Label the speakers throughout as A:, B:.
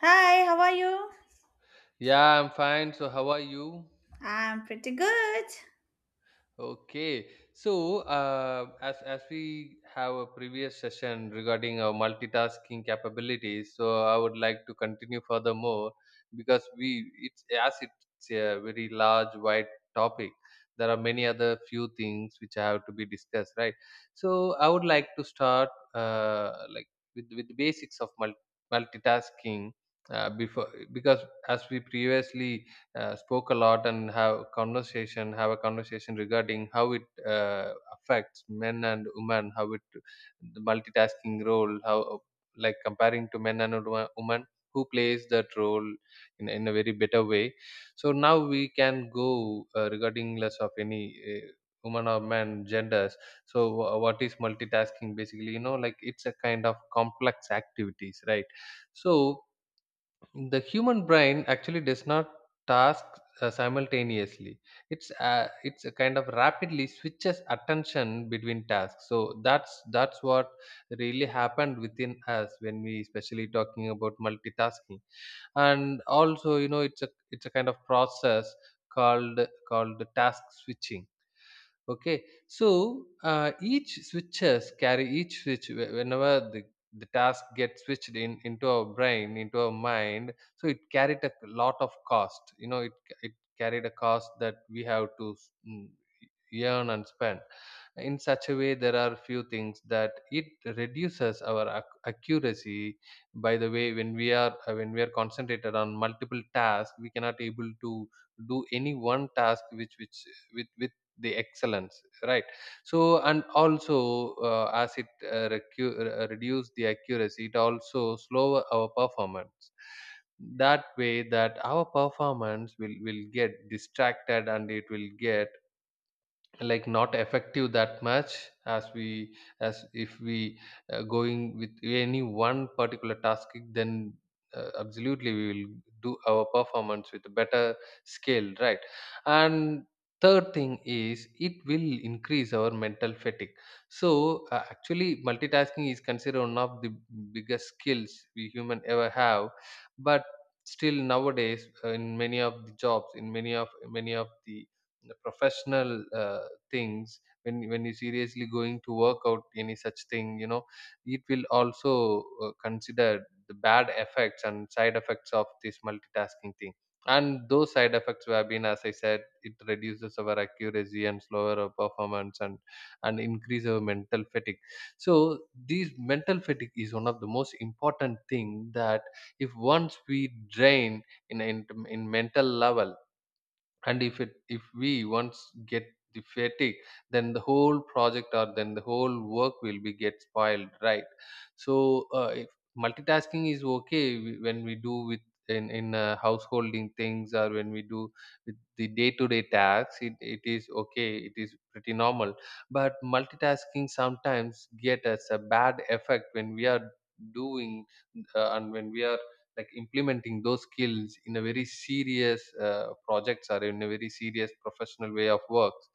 A: Hi, how are you?
B: Yeah, I'm fine. So, how are you?
A: I'm pretty good.
B: Okay. So, as we have a previous session regarding our multitasking capabilities, so I would like to continue furthermore, because we it's as it's a very large, wide topic. There are many other few things which have to be discussed, right? So, I would like to start, like, with the basics of multitasking, before, because as we previously spoke a lot and have a conversation regarding how it affects men and women, how it, the multitasking role, how, like, comparing to men and women, who plays that role in a very better way. So now we can go, regarding less of any, woman or man genders. So what is multitasking basically, like, it's a kind of complex activities, right? So the human brain actually does not task simultaneously. It's a kind of, rapidly switches attention between tasks, so that's what really happened within us when we especially talking about multitasking. And also, it's a kind of process called called task switching. Okay, so each switch, whenever the task gets switched in into our brain, into our mind. So it carried a lot of cost. It carried a cost that we have to, mm, yearn and spend. In such a way, there are few things that it reduces our accuracy. By the way, when we are, concentrated on multiple tasks, we cannot able to do any one task, which with the excellence, right? So, and also, as it reduce the accuracy, it also slow our performance. That way, that our performance will get distracted, and it will get like not effective that much, as if we going with any one particular task, then absolutely we will do our performance with a better scale, right? And third thing is, it will increase our mental fatigue. So, actually, multitasking is considered one of the biggest skills we human ever have, but still nowadays, in many of the jobs, in many of the professional things, when you seriously going to work out any such thing, it will also consider the bad effects and side effects of this multitasking thing. And those side effects have been, as I said, it reduces our accuracy and slower our performance, and increase our mental fatigue. So these mental fatigue is one of the most important thing, that if once we drain, in in, in mental level, and if we once get the fatigue, then the whole project, or then the whole work will be get spoiled, right? So, if multitasking is okay, when we do with, in householding things, or when we do with the day to day tasks, it is okay, it is pretty normal. But multitasking sometimes get us a bad effect, when we are doing, and when we are like implementing those skills in a very serious projects, or in a very serious professional way of works.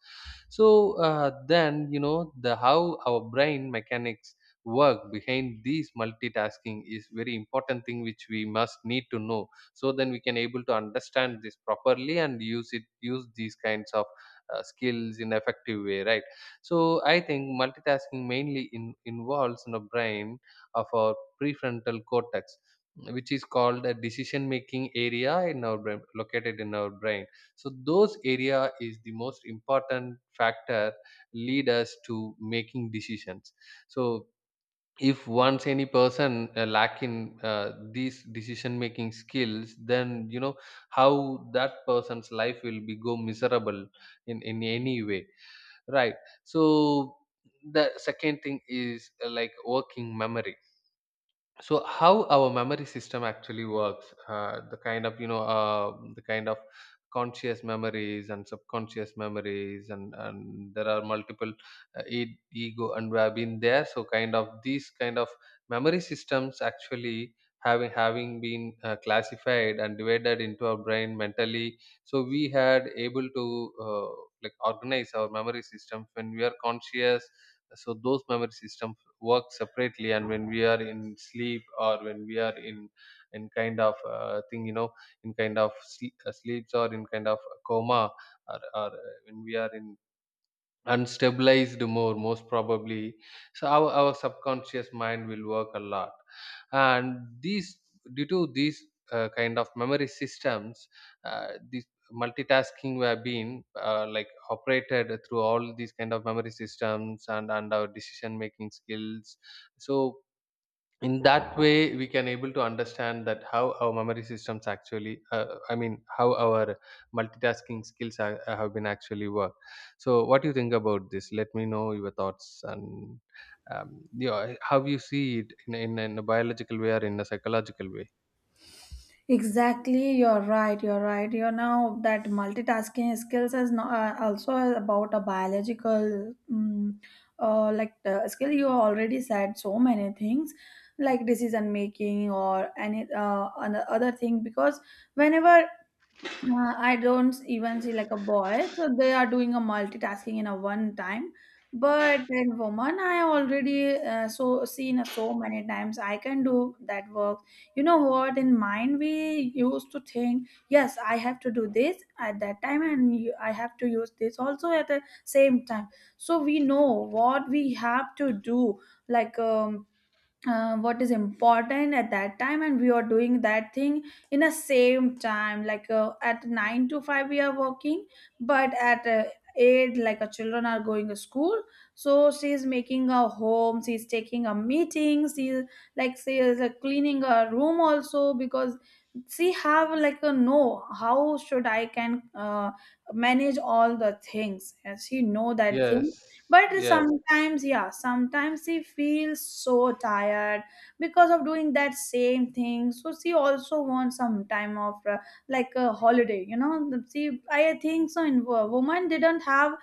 B: So, then you know the how our brain mechanics work behind these multitasking is very important thing which we must need to know. So then we can able to understand this properly, and use it use these kinds of skills in effective way, right? So I think multitasking mainly, involves in the brain of our prefrontal cortex, which is called a decision making area in our brain, located in our brain. So those area is the most important factor, lead us to making decisions. So if once any person lack in these decision making skills, then how that person's life will be go miserable in any way, right? So the second thing is, like working memory. So how our memory system actually works, the kind of you know the kind of conscious memories and subconscious memories, and there are multiple ego, and we have been there. So kind of these kind of memory systems actually having been classified and divided into our brain mentally. So we had able to like organize our memory systems when we are conscious. So those memory system work separately, and when we are in sleep, or when we are in kind of thing, in kind of sleeps, or in kind of coma, or when we are in, and stabilized, more most probably. So our subconscious mind will work a lot. And these due to these kind of memory systems, this multitasking, we have been like operated through all these kind of memory systems, and our decision making skills. So in that way, we can able to understand that how our memory systems actually, I mean, how our multitasking skills have been actually work. So what do you think about this? Let me know your thoughts. And, yeah, how you see it, in a biological way, or in a psychological way?
A: Exactly, you're right. You're right. You know that multitasking skills is not, also about a biological, skill. You already said so many things, like decision making or any other thing. Because whenever I don't even see like a boy, so they are doing a multitasking in a one time. But in woman, I already so seen so many times I can do that work. You know what? In mind, we used to think, yes, I have to do this at that time, and you, I have to use this also at the same time. So we know what we have to do, like um, what is important at that time and we are doing that thing in the same time like at 9 to 5 we are working but at 8 like our children are going to school. So she's making a home, she's taking a meeting, she's like she is cleaning a room also because she have like a no how should I can manage all the things and she know that
B: Yes.
A: thing. But
B: Yes.
A: sometimes, yeah, sometimes she feels so tired because of doing that same thing. So she also wants some time off, like a holiday. You know, she I think so. In woman didn't have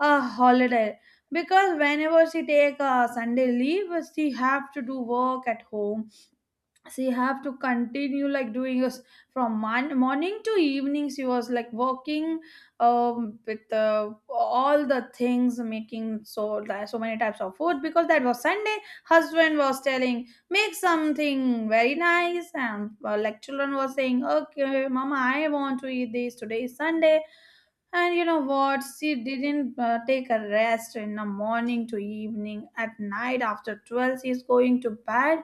A: a holiday because whenever she take a Sunday leave, she have to do work at home. So you have to continue like doing us from morning to evening she was like working with all the things, making so so many types of food because that was Sunday. Husband was telling make something very nice and like children was saying okay mama I want to eat this, today is Sunday. And you know what, she didn't take a rest in the morning to evening, at night after 12 she's going to bed.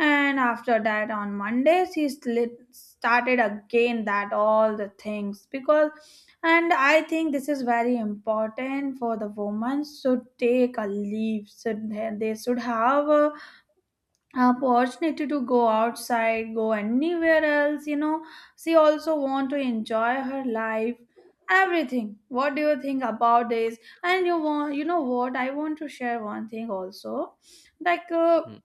A: And after that, on Mondays, he slit, started again that all the things because, and I think this is very important for the woman should take a leave. Should they should have a opportunity to go outside, go anywhere else. You know, she also want to enjoy her life, everything. What do you think about this? And you want, you know what? I want to share one thing also, like.
B: Mm,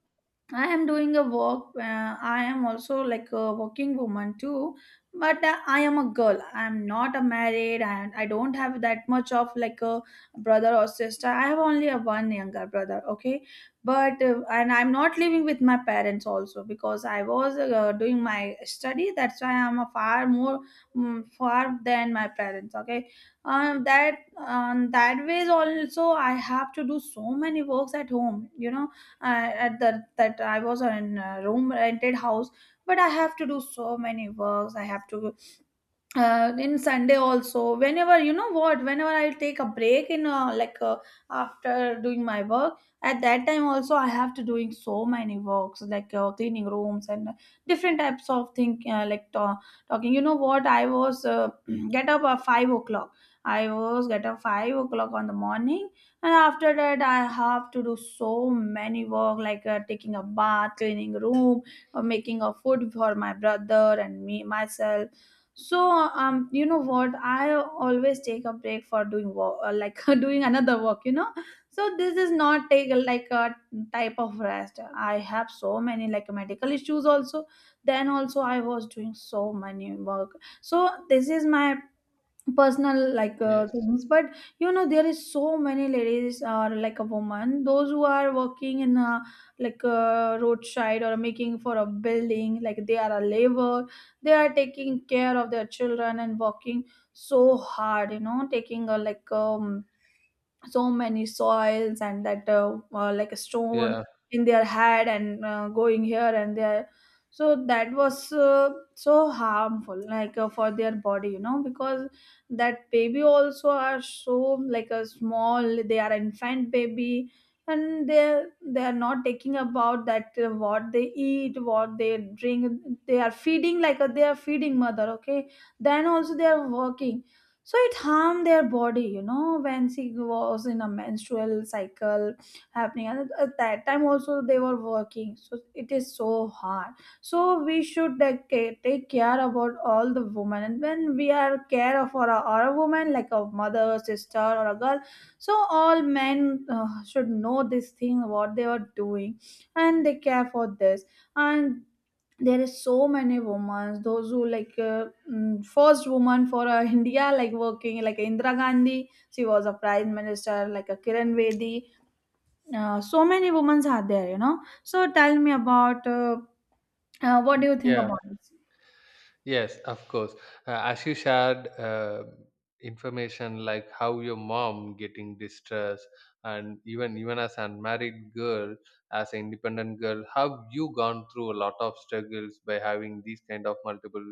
A: I am doing a work. I am also like a working woman too, but I am a girl. I am not a married, and I don't have that much of like a brother or sister. I have only a one younger brother. Okay, but and I'm not living with my parents also because I was doing my study. That's why I'm a far more far than my parents. Okay, that that ways also I have to do so many works at home. You know at the that I was in a room rented house, but I have to do so many works. I have to in Sunday also whenever you know what whenever I take a break in after doing my work, at that time also I have to doing so many works like cleaning rooms and different types of thing talking. You know what I was get up at 5 o'clock. I was get up 5 o'clock on the morning and after that I have to do so many work like taking a bath, cleaning room, or making a food for my brother and me myself. So you know what? I always take a break for doing work, like doing another work. You know, so this is not take like a type of rest. I have so many like medical issues also. Then also I was doing so many work. So this is my personal like
B: yes.
A: things but you know there is so many ladies or like a woman those who are working in a like a roadside or making for a building like they are a labor. They are taking care of their children and working so hard, you know, taking a like so many soils and that like a stone
B: Yeah,
A: in their head and going here and there. So that was so harmful like for their body, you know, because that baby also are so like a small, they are infant baby. And they are not taking about that what they eat, what they drink, they are feeding like they are feeding mother. Okay, then also they are working, so it harmed their body, you know, when she was in a menstrual cycle happening, and at that time also they were working, so it is so hard. So we should take care about all the women, and when we are care for a, or a woman like a mother, sister or a girl, so all men should know this thing what they are doing and they care for this. And there is so many women those who like first woman for India like working like Indira Gandhi, she was a prime minister, like a Kiran Bedi. So many women are there, you know. So tell me about what do you think
B: yeah.
A: about this.
B: Yes, of course. As you shared, information like how your mom getting distressed, and even as unmarried girl, as an independent girl, have you gone through a lot of struggles by having these kind of multiple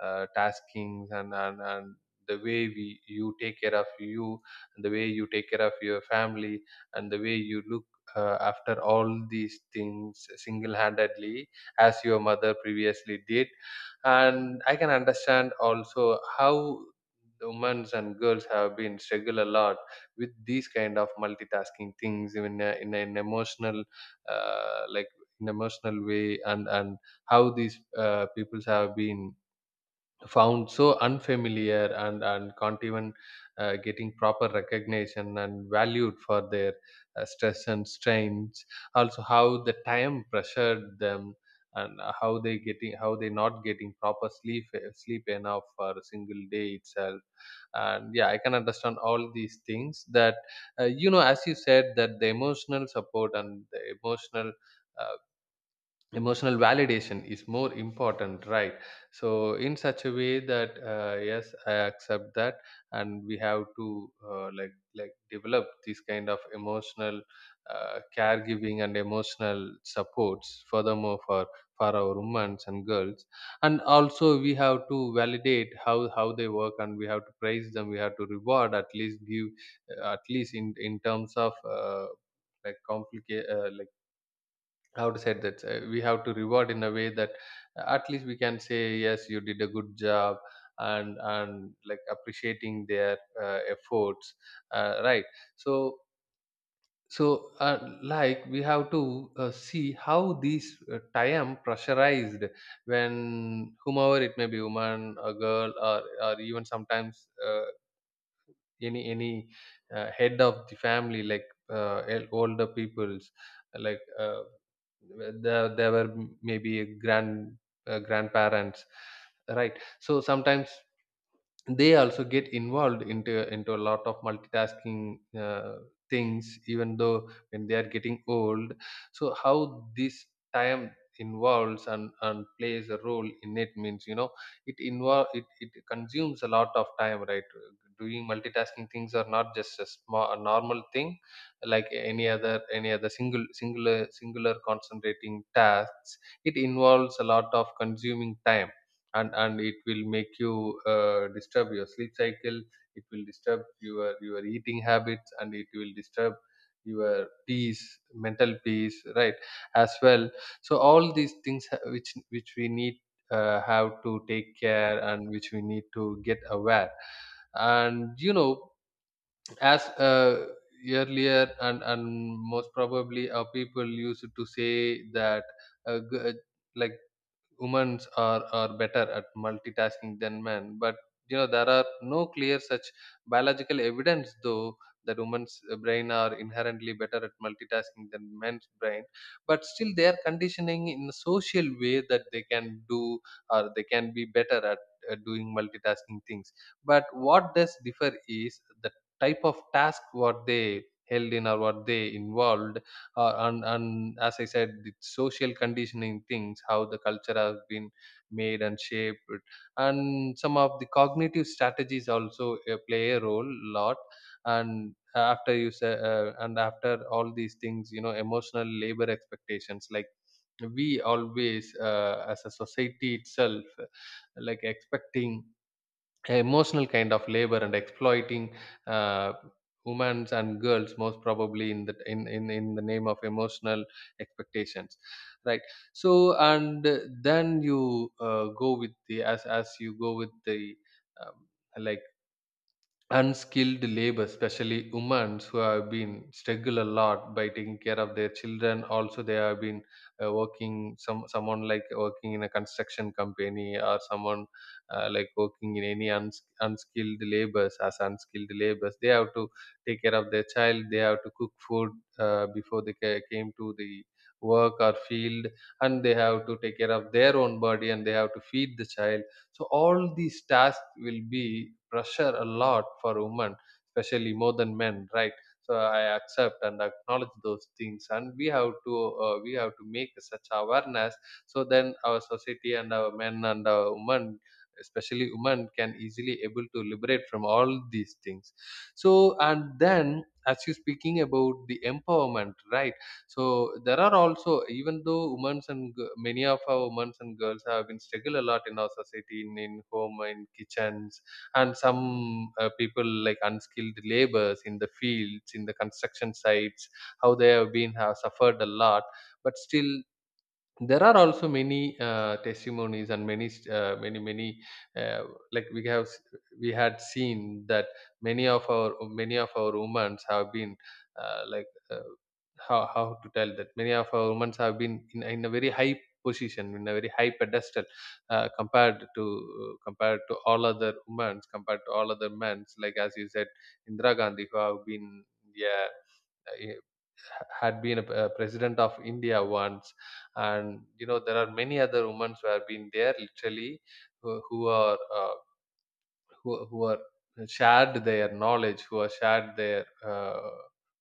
B: taskings, and the way we you take care of you, and the way you take care of your family, and the way you look, after all these things single-handedly, as your mother previously did. And I can understand also how the women's and girls have been struggle a lot with these kind of multitasking things, even in an emotional, uh, like in emotional way, and how these peoples have been found so unfamiliar, and can't even getting proper recognition and valued for their stress and strains. Also, how the time pressured them, and how they not getting proper sleep enough for a single day itself. And yeah, I can understand all these things, that as you said, that the emotional support and the uh, emotional validation is more important, right? So in such a way that, yes, I accept that. And we have to like, develop this kind of emotional caregiving and emotional supports furthermore, for our women and girls. And also, we have to validate how they work, and we have to praise them. We have to reward, at least give, at least, in terms of, like complicate, like, how to say that, we have to reward in a way that, at least we can say, yes, you did a good job. And like appreciating their efforts, right? So so like, we have to see how these time pressurized, when whomever it may be, woman, a girl, or even sometimes, any head of the family, like older peoples, like, there were maybe, grandparents, right? So sometimes they also get involved, into a lot of multitasking things, even though when they are getting old. So how this time involves, and plays a role in it, means, it consumes a lot of time, right? Doing multitasking things are not just a normal thing, like any other single singular concentrating tasks. It involves a lot of consuming time. And it will make you disturb your sleep cycle. It will disturb your eating habits, and it will disturb your peace, mental peace, right, as well. So all these things which we need, have to take care, and which we need to get aware. And, as, uh, earlier, and most probably, our people used to say that, uh, g- uh, like, women are better at multitasking than men. But, there are no clear such biological evidence, though, that women's brain are inherently better at multitasking than men's brain. But still, they are conditioning in a social way, that they can do, or they can be better at doing multitasking things. But what does differ is the type of task what they held in, or what they involved, and as I said, the social conditioning things, how the culture has been made and shaped, and some of the cognitive strategies also play a role lot. And after all these things, emotional labor expectations, like, we always As a society itself, like expecting emotional kind of labor and exploiting uh, women and girls, most probably in the in the name of emotional expectations, right? So and then you go with the as you go with the um, like unskilled labor, especially women who have been struggle a lot by taking care of their children. Also, they have been working someone like working in a construction company, or someone like working in any unskilled labors as unskilled labors. They have to take care of their child. They have to cook food before they came to the work or field, and they have to take care of their own body and they have to feed the child. So all these tasks will be pressure a lot for women, especially more than men, right? So I accept and acknowledge those things, and we have to make such awareness, so then our society and our men and our women, especially women, can easily able to liberate from all these things. So and then as you speaking about the empowerment, right? So there are also, even though women's and many of our women's and girls have been struggle a lot in our society, in home, in kitchens, and some people like unskilled laborers in the fields, in the construction sites, how they have been have suffered a lot. But still, there are also many testimonies and many uh, many many uh, like we had seen that many of our many of our women have been uh, like uh, how to tell that many of our women have been in a very high position, in a very high pedestal, compared to all other women, compared to all other men, like as you said, Indira Gandhi, who have been, yeah, eh, had been a president of India once, and you know there are many other women who have been there literally, who, who are uh, who are shared their knowledge, who are shared their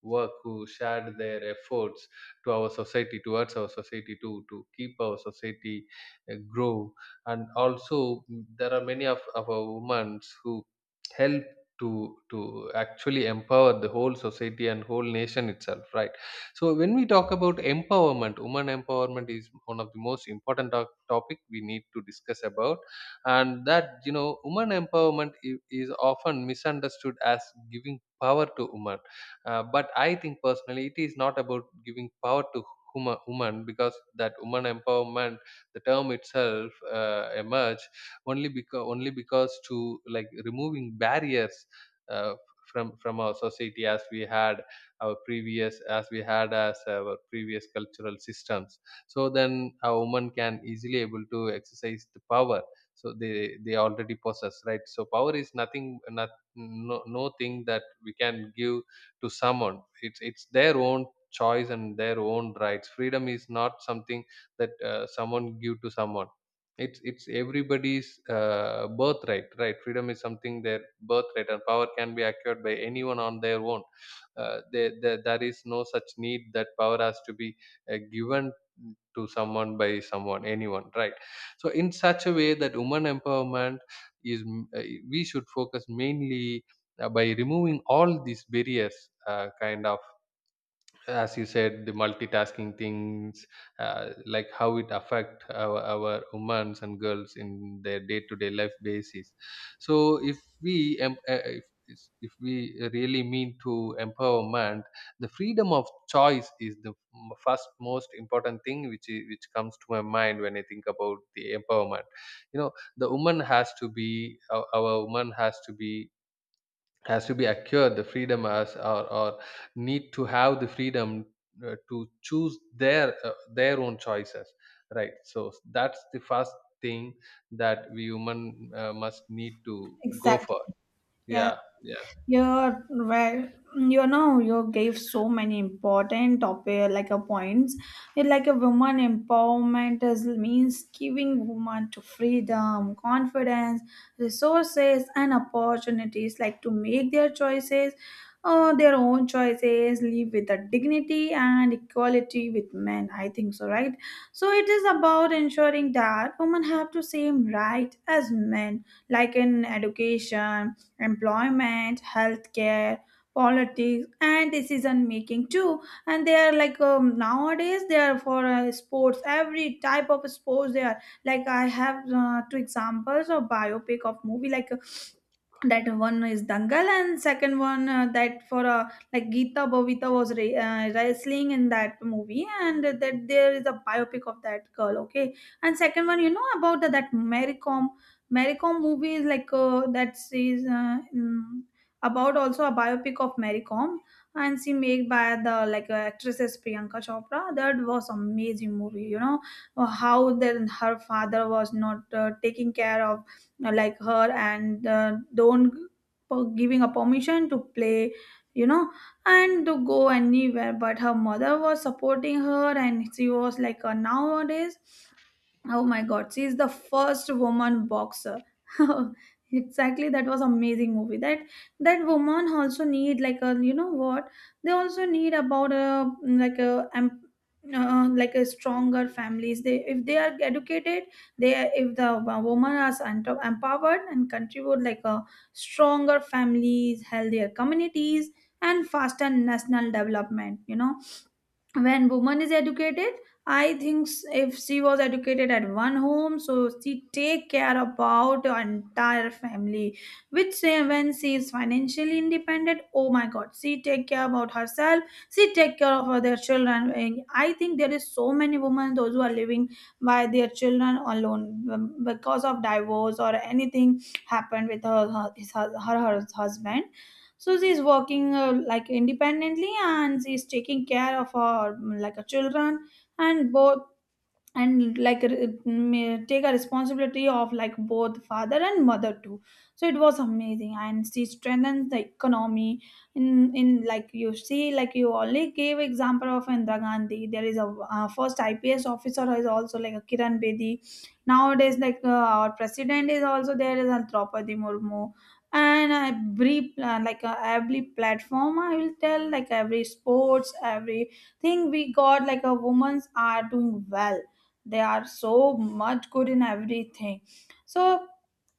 B: work, who shared their efforts to our society, towards our society, to keep our society grow. And also there are many of our women who help to to actually empower the whole society and whole nation itself, right? So when we talk about empowerment, women empowerment is one of the most important topic we need to discuss about. And that, you know, woman empowerment is often misunderstood as giving power to woman, but I think personally it is not about giving power to woman, because that woman empowerment, the term itself, emerged only because, only because to like removing barriers uh, from our society, as we had as our previous cultural systems, so then a woman can easily able to exercise the power. So they already possess, right? So power is nothing, not, no, no thing that we can give to someone. It's their own choice and their own rights. Freedom is not something that someone give to someone. It's everybody's birthright, right? Freedom is something their birthright, and power can be acquired by anyone on their own. There there is no such need that power has to be given to someone by someone, anyone, right? So in such a way that women empowerment is uh, we should focus mainly by removing all these barriers, kind of, as you said, the multitasking things, like how it affect our women and girls in their day-to-day life basis. So if we if we really mean to empowerment, the freedom of choice is the first most important thing, which comes to my mind when I think about the empowerment. You know, the woman has to be our woman has to be, has to be acquired the freedom, or need to have the freedom to choose their own choices, right? So that's the first thing that we human must need to go for.
A: Exactly. Yeah.
B: Yeah, yeah.
A: You're right. You know, you gave so many important topic like a points. It like a woman empowerment is means giving woman to freedom, confidence, resources, and opportunities like to make their choices, their own choices, live with a dignity and equality with men. I think so, right? So it is about ensuring that women have the same right as men, like in education, employment, healthcare, politics, and decision making too. And they are like nowadays they are for sports, every type of sports. They are like I have two examples of biopic of movie like. That one is Dangal and second one that for like Geeta Bovita was wrestling in that movie, and that there is a biopic of that girl. Okay, and second one you know about the, that Mary Kom. Mary Kom movie is like that is about also a biopic of Mary Kom, and she made by the like actresses Priyanka Chopra. That was amazing movie. You know how then her father was not taking care of like her and don't g- giving a permission to play. You know, and to go anywhere, but her mother was supporting her, and she was like, nowadays oh my God, she is the first woman boxer. Exactly, that was amazing movie. That that woman also need like a, you know what, they also need about a like a like a stronger families. They if they are educated, they if the woman are empowered and contribute like a stronger families, healthier communities, and faster national development. You know, when woman is educated, I think if she was educated at one home, so she take care about her entire family. Which say when she is financially independent, oh my god, she take care about herself, she take care of other children. And I think there is so many women those who are living by their children alone, because of divorce or anything happened with her her husband. So she's working like independently and she's taking care of her like a children, and both, and take a responsibility of like both father and mother too. So it was amazing, and she strengthens the economy. In like you see, like you only gave example of Indira Gandhi, there is a first IPS officer is also like a Kiran Bedi. Nowadays like our president is also there is a Draupadi Murmu. And every every platform I will tell, like every sports everything we got, like a women's are doing well, they are so much good in everything. So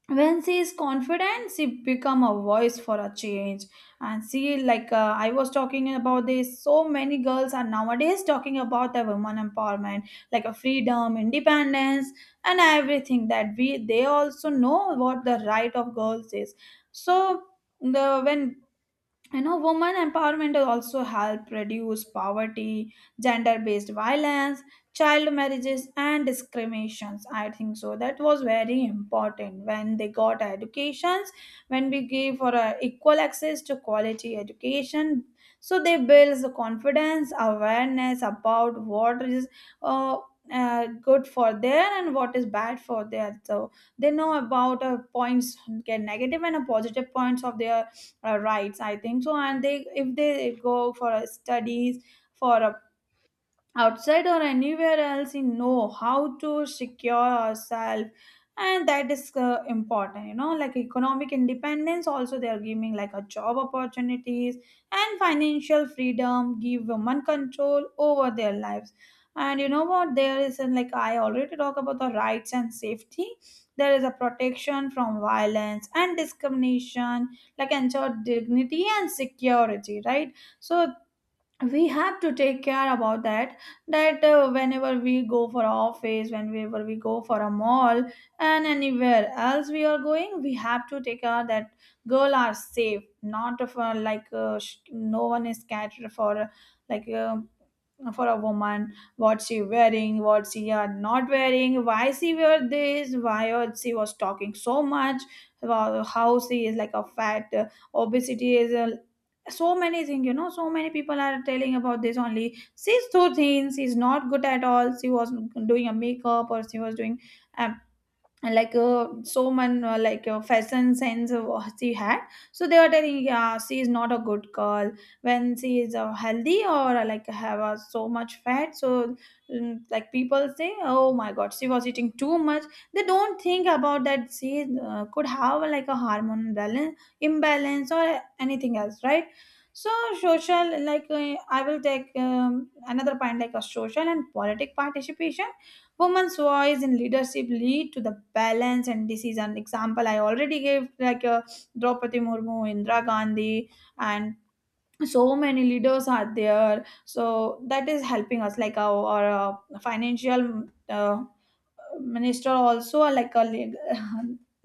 A: when she is confident she become a voice for a change. And she like I was talking about this, so many girls are nowadays talking about the women empowerment, like a freedom, independence, and everything that we they also know what the right of girls is. So the when, you know, women empowerment also help reduce poverty, gender based violence, child marriages and discriminations. I think so that was very important. When they got educations, when we give for equal access to quality education, so they builds the confidence, awareness about what is uh, good for their and what is bad for their. So they know about points get negative and positive points of their rights, I think so. And they if they Go for studies for a outside or anywhere else, you know how to secure yourself. And that is important, you know, like economic independence. Also they are giving like a job opportunities, and financial freedom give women control over their lives. And you know what there is, and like I already talk about the rights and safety. There is a protection from violence and discrimination, like ensure dignity and security, right? So we have to take care about that, that whenever we go for office, whenever we go for a mall and anywhere else we are going, we have to take care that girl are safe, not of no one is catered for like uh, for a woman. What she wearing, what she are not wearing, why she wear this, she was talking so much about how she is like a fat obesity is so many things, you know. So many people are telling about this only, she's too thin, she's not good at all, she was doing a makeup, or she was doing um, so many fashion sense of what she had. So they were telling yeah she is not a good girl when she is healthy or like have so much fat. So like people say, oh my god, she was eating too much. They don't think about that she could have like a hormone balance, imbalance or anything else, right? So social, I will take another point, like a social and politic participation. Women's voice in leadership lead to the balance and decision. Example I already gave, Draupadi Murmu, Indira Gandhi, and so many leaders are there. So that is helping us, like our financial uh, minister also, like a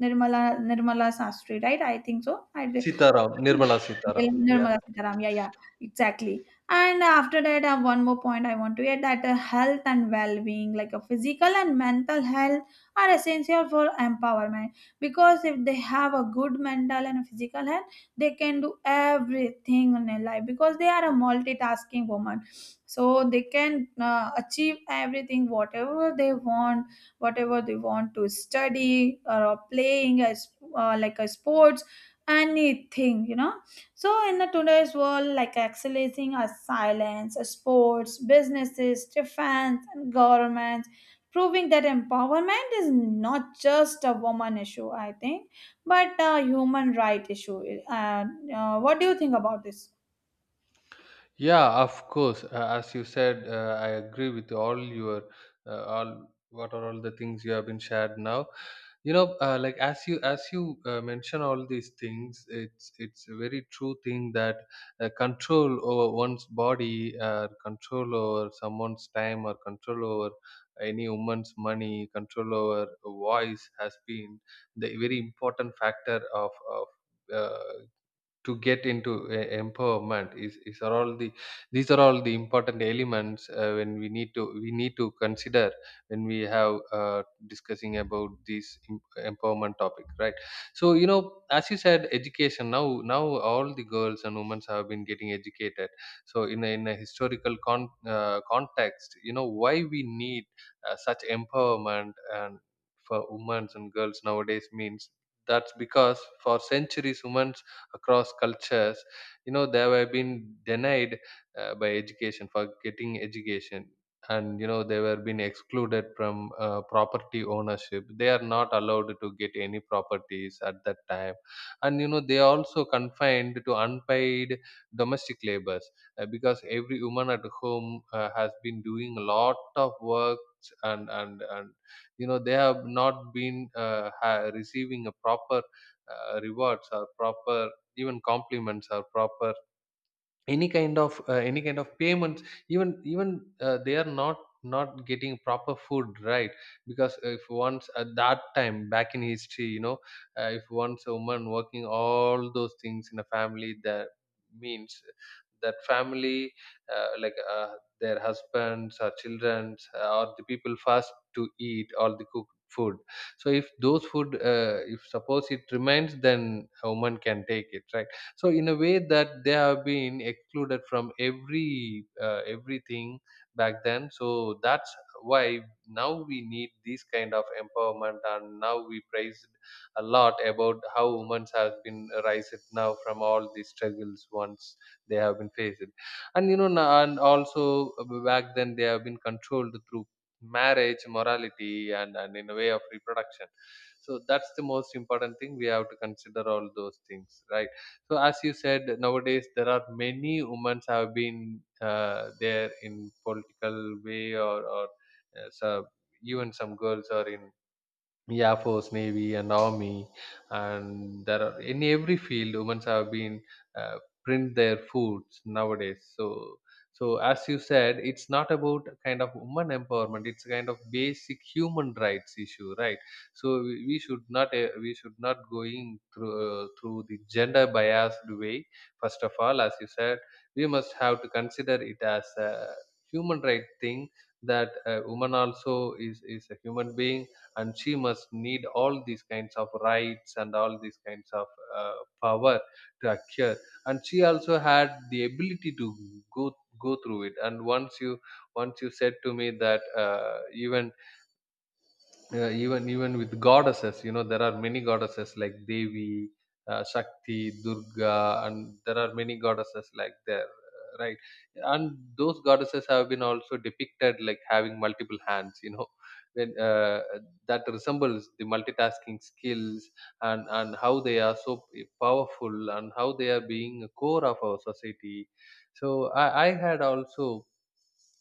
A: Nirmala Sastry, right? I think so. I
B: Sitaram, Nirmala Sitaram. Yeah.
A: Nirmala Sitaram. Yeah, yeah, exactly. And after that, I have one more point I want to add, that health and well-being, like a physical and mental health, are essential for empowerment, because if they have a good mental and physical health, they can do everything in their life, because they are a multitasking woman. So they can achieve everything, whatever they want to study or playing as like a sport, anything, you know. So in the today's world, like accelerating our silence, our sports, businesses, defense and governments, proving that empowerment is not just a woman issue, I think, but a human right issue. uh, what do you think about this?
B: Yeah, of course. As you said, I agree with all your all what are all the things you have been shared now. You know, like as you mention all these things, it's a very true thing that control over one's body, control over someone's time, or control over any woman's money, control over voice has been the very important factor of uh, to get into a empowerment is, are all the, these are all the important elements when we need to, we need to consider when we have discussing about this empowerment topic, right? So you know, as you said, education, now now all the girls and women have been getting educated. So in a historical context, you know why we need such empowerment and for women and girls nowadays means that's because for centuries women across cultures, you know, they were been denied by education, for getting education. And you know they were being excluded from property ownership. They are not allowed to get any properties at that time. And you know they are also confined to unpaid domestic labors, because every woman at home has been doing a lot of work. And you know they have not been receiving a proper rewards, or proper even compliments, are proper any kind of, any kind of payments. Even even they are not, not getting proper food, right? Because if once at that time back in history, you know, if once a woman working all those things in a family, that means that family, uh, like uh, their husbands or children, or the people first to eat all the cooked food. So if those food, if suppose it remains, then a woman can take it, right? So in a way that they have been excluded from every everything back then. So that's why now we need this kind of empowerment, and now we praised a lot about how women have been raised now from all these struggles once they have been faced. And you know, and also back then they have been controlled through marriage, morality, and in a way of reproduction. So that's the most important thing, we have to consider all those things, right? So as you said, nowadays there are many women have been there in political way, or so, even some girls are in, yeah, force, navy, and army. And there are in every field women have been uh, print their foods nowadays. So so as you said, it's not about kind of woman empowerment, it's a kind of basic human rights issue, right? So we should not going through through the gender biased way. First of all, as you said, we must have to consider it as a human right thing, that a woman also is a human being, and she must need all these kinds of rights and all these kinds of uh, power to acquire. And she also had the ability to go, go through it. And once you said to me that even even with goddesses, you know there are many goddesses like Devi, Shakti, Durga, and there are many goddesses like there, right. And those goddesses have been also depicted like having multiple hands, you know, when that resembles the multitasking skills, and how they are so powerful and how they are being a core of our society. So I had also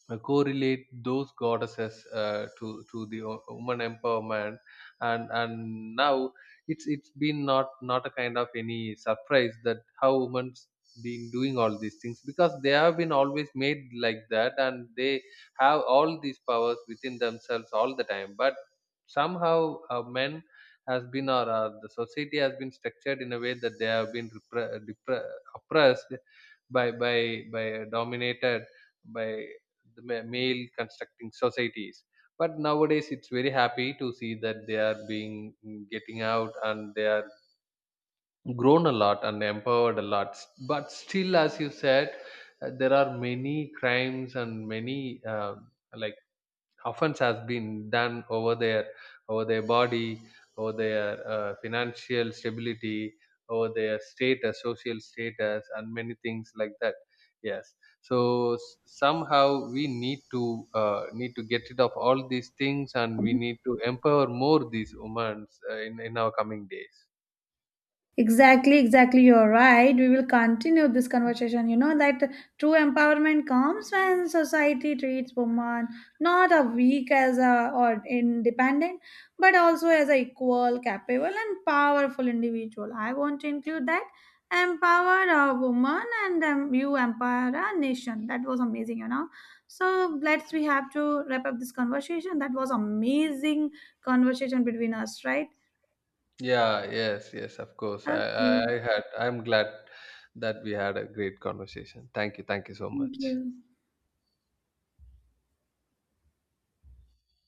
B: correlate those goddesses to the woman empowerment. And now it's been not, not a kind of any surprise that how women's been doing all these things, because they have been always made like that, and they have all these powers within themselves all the time. But somehow men has been, or the society has been structured in a way that they have been oppressed by by by dominated by the male constructing societies. But nowadays it's very happy to see that they are being getting out, and they are grown a lot and empowered a lot. But still, as you said, there are many crimes and many um like offense has been done over their, over their body, over their financial stability, over their status, social status, and many things like that. Yes. So somehow we need to need to get rid of all these things, and we need to empower more these women in our coming days.
A: Exactly, exactly. You're right. We will continue this conversation. You know that true empowerment comes when society treats women not a weak as a or independent, but also as a equal, capable, and powerful individual. I want to include that empower a woman and you empower a nation. That was amazing, you know. So let's, we have to wrap up this conversation. That was amazing conversation between us, right?
B: Yeah, yes, yes, of course. I, I
A: Okay.
B: i had, I'm glad that we had a great conversation. Thank you, thank you so
A: Thank
B: much.
A: you.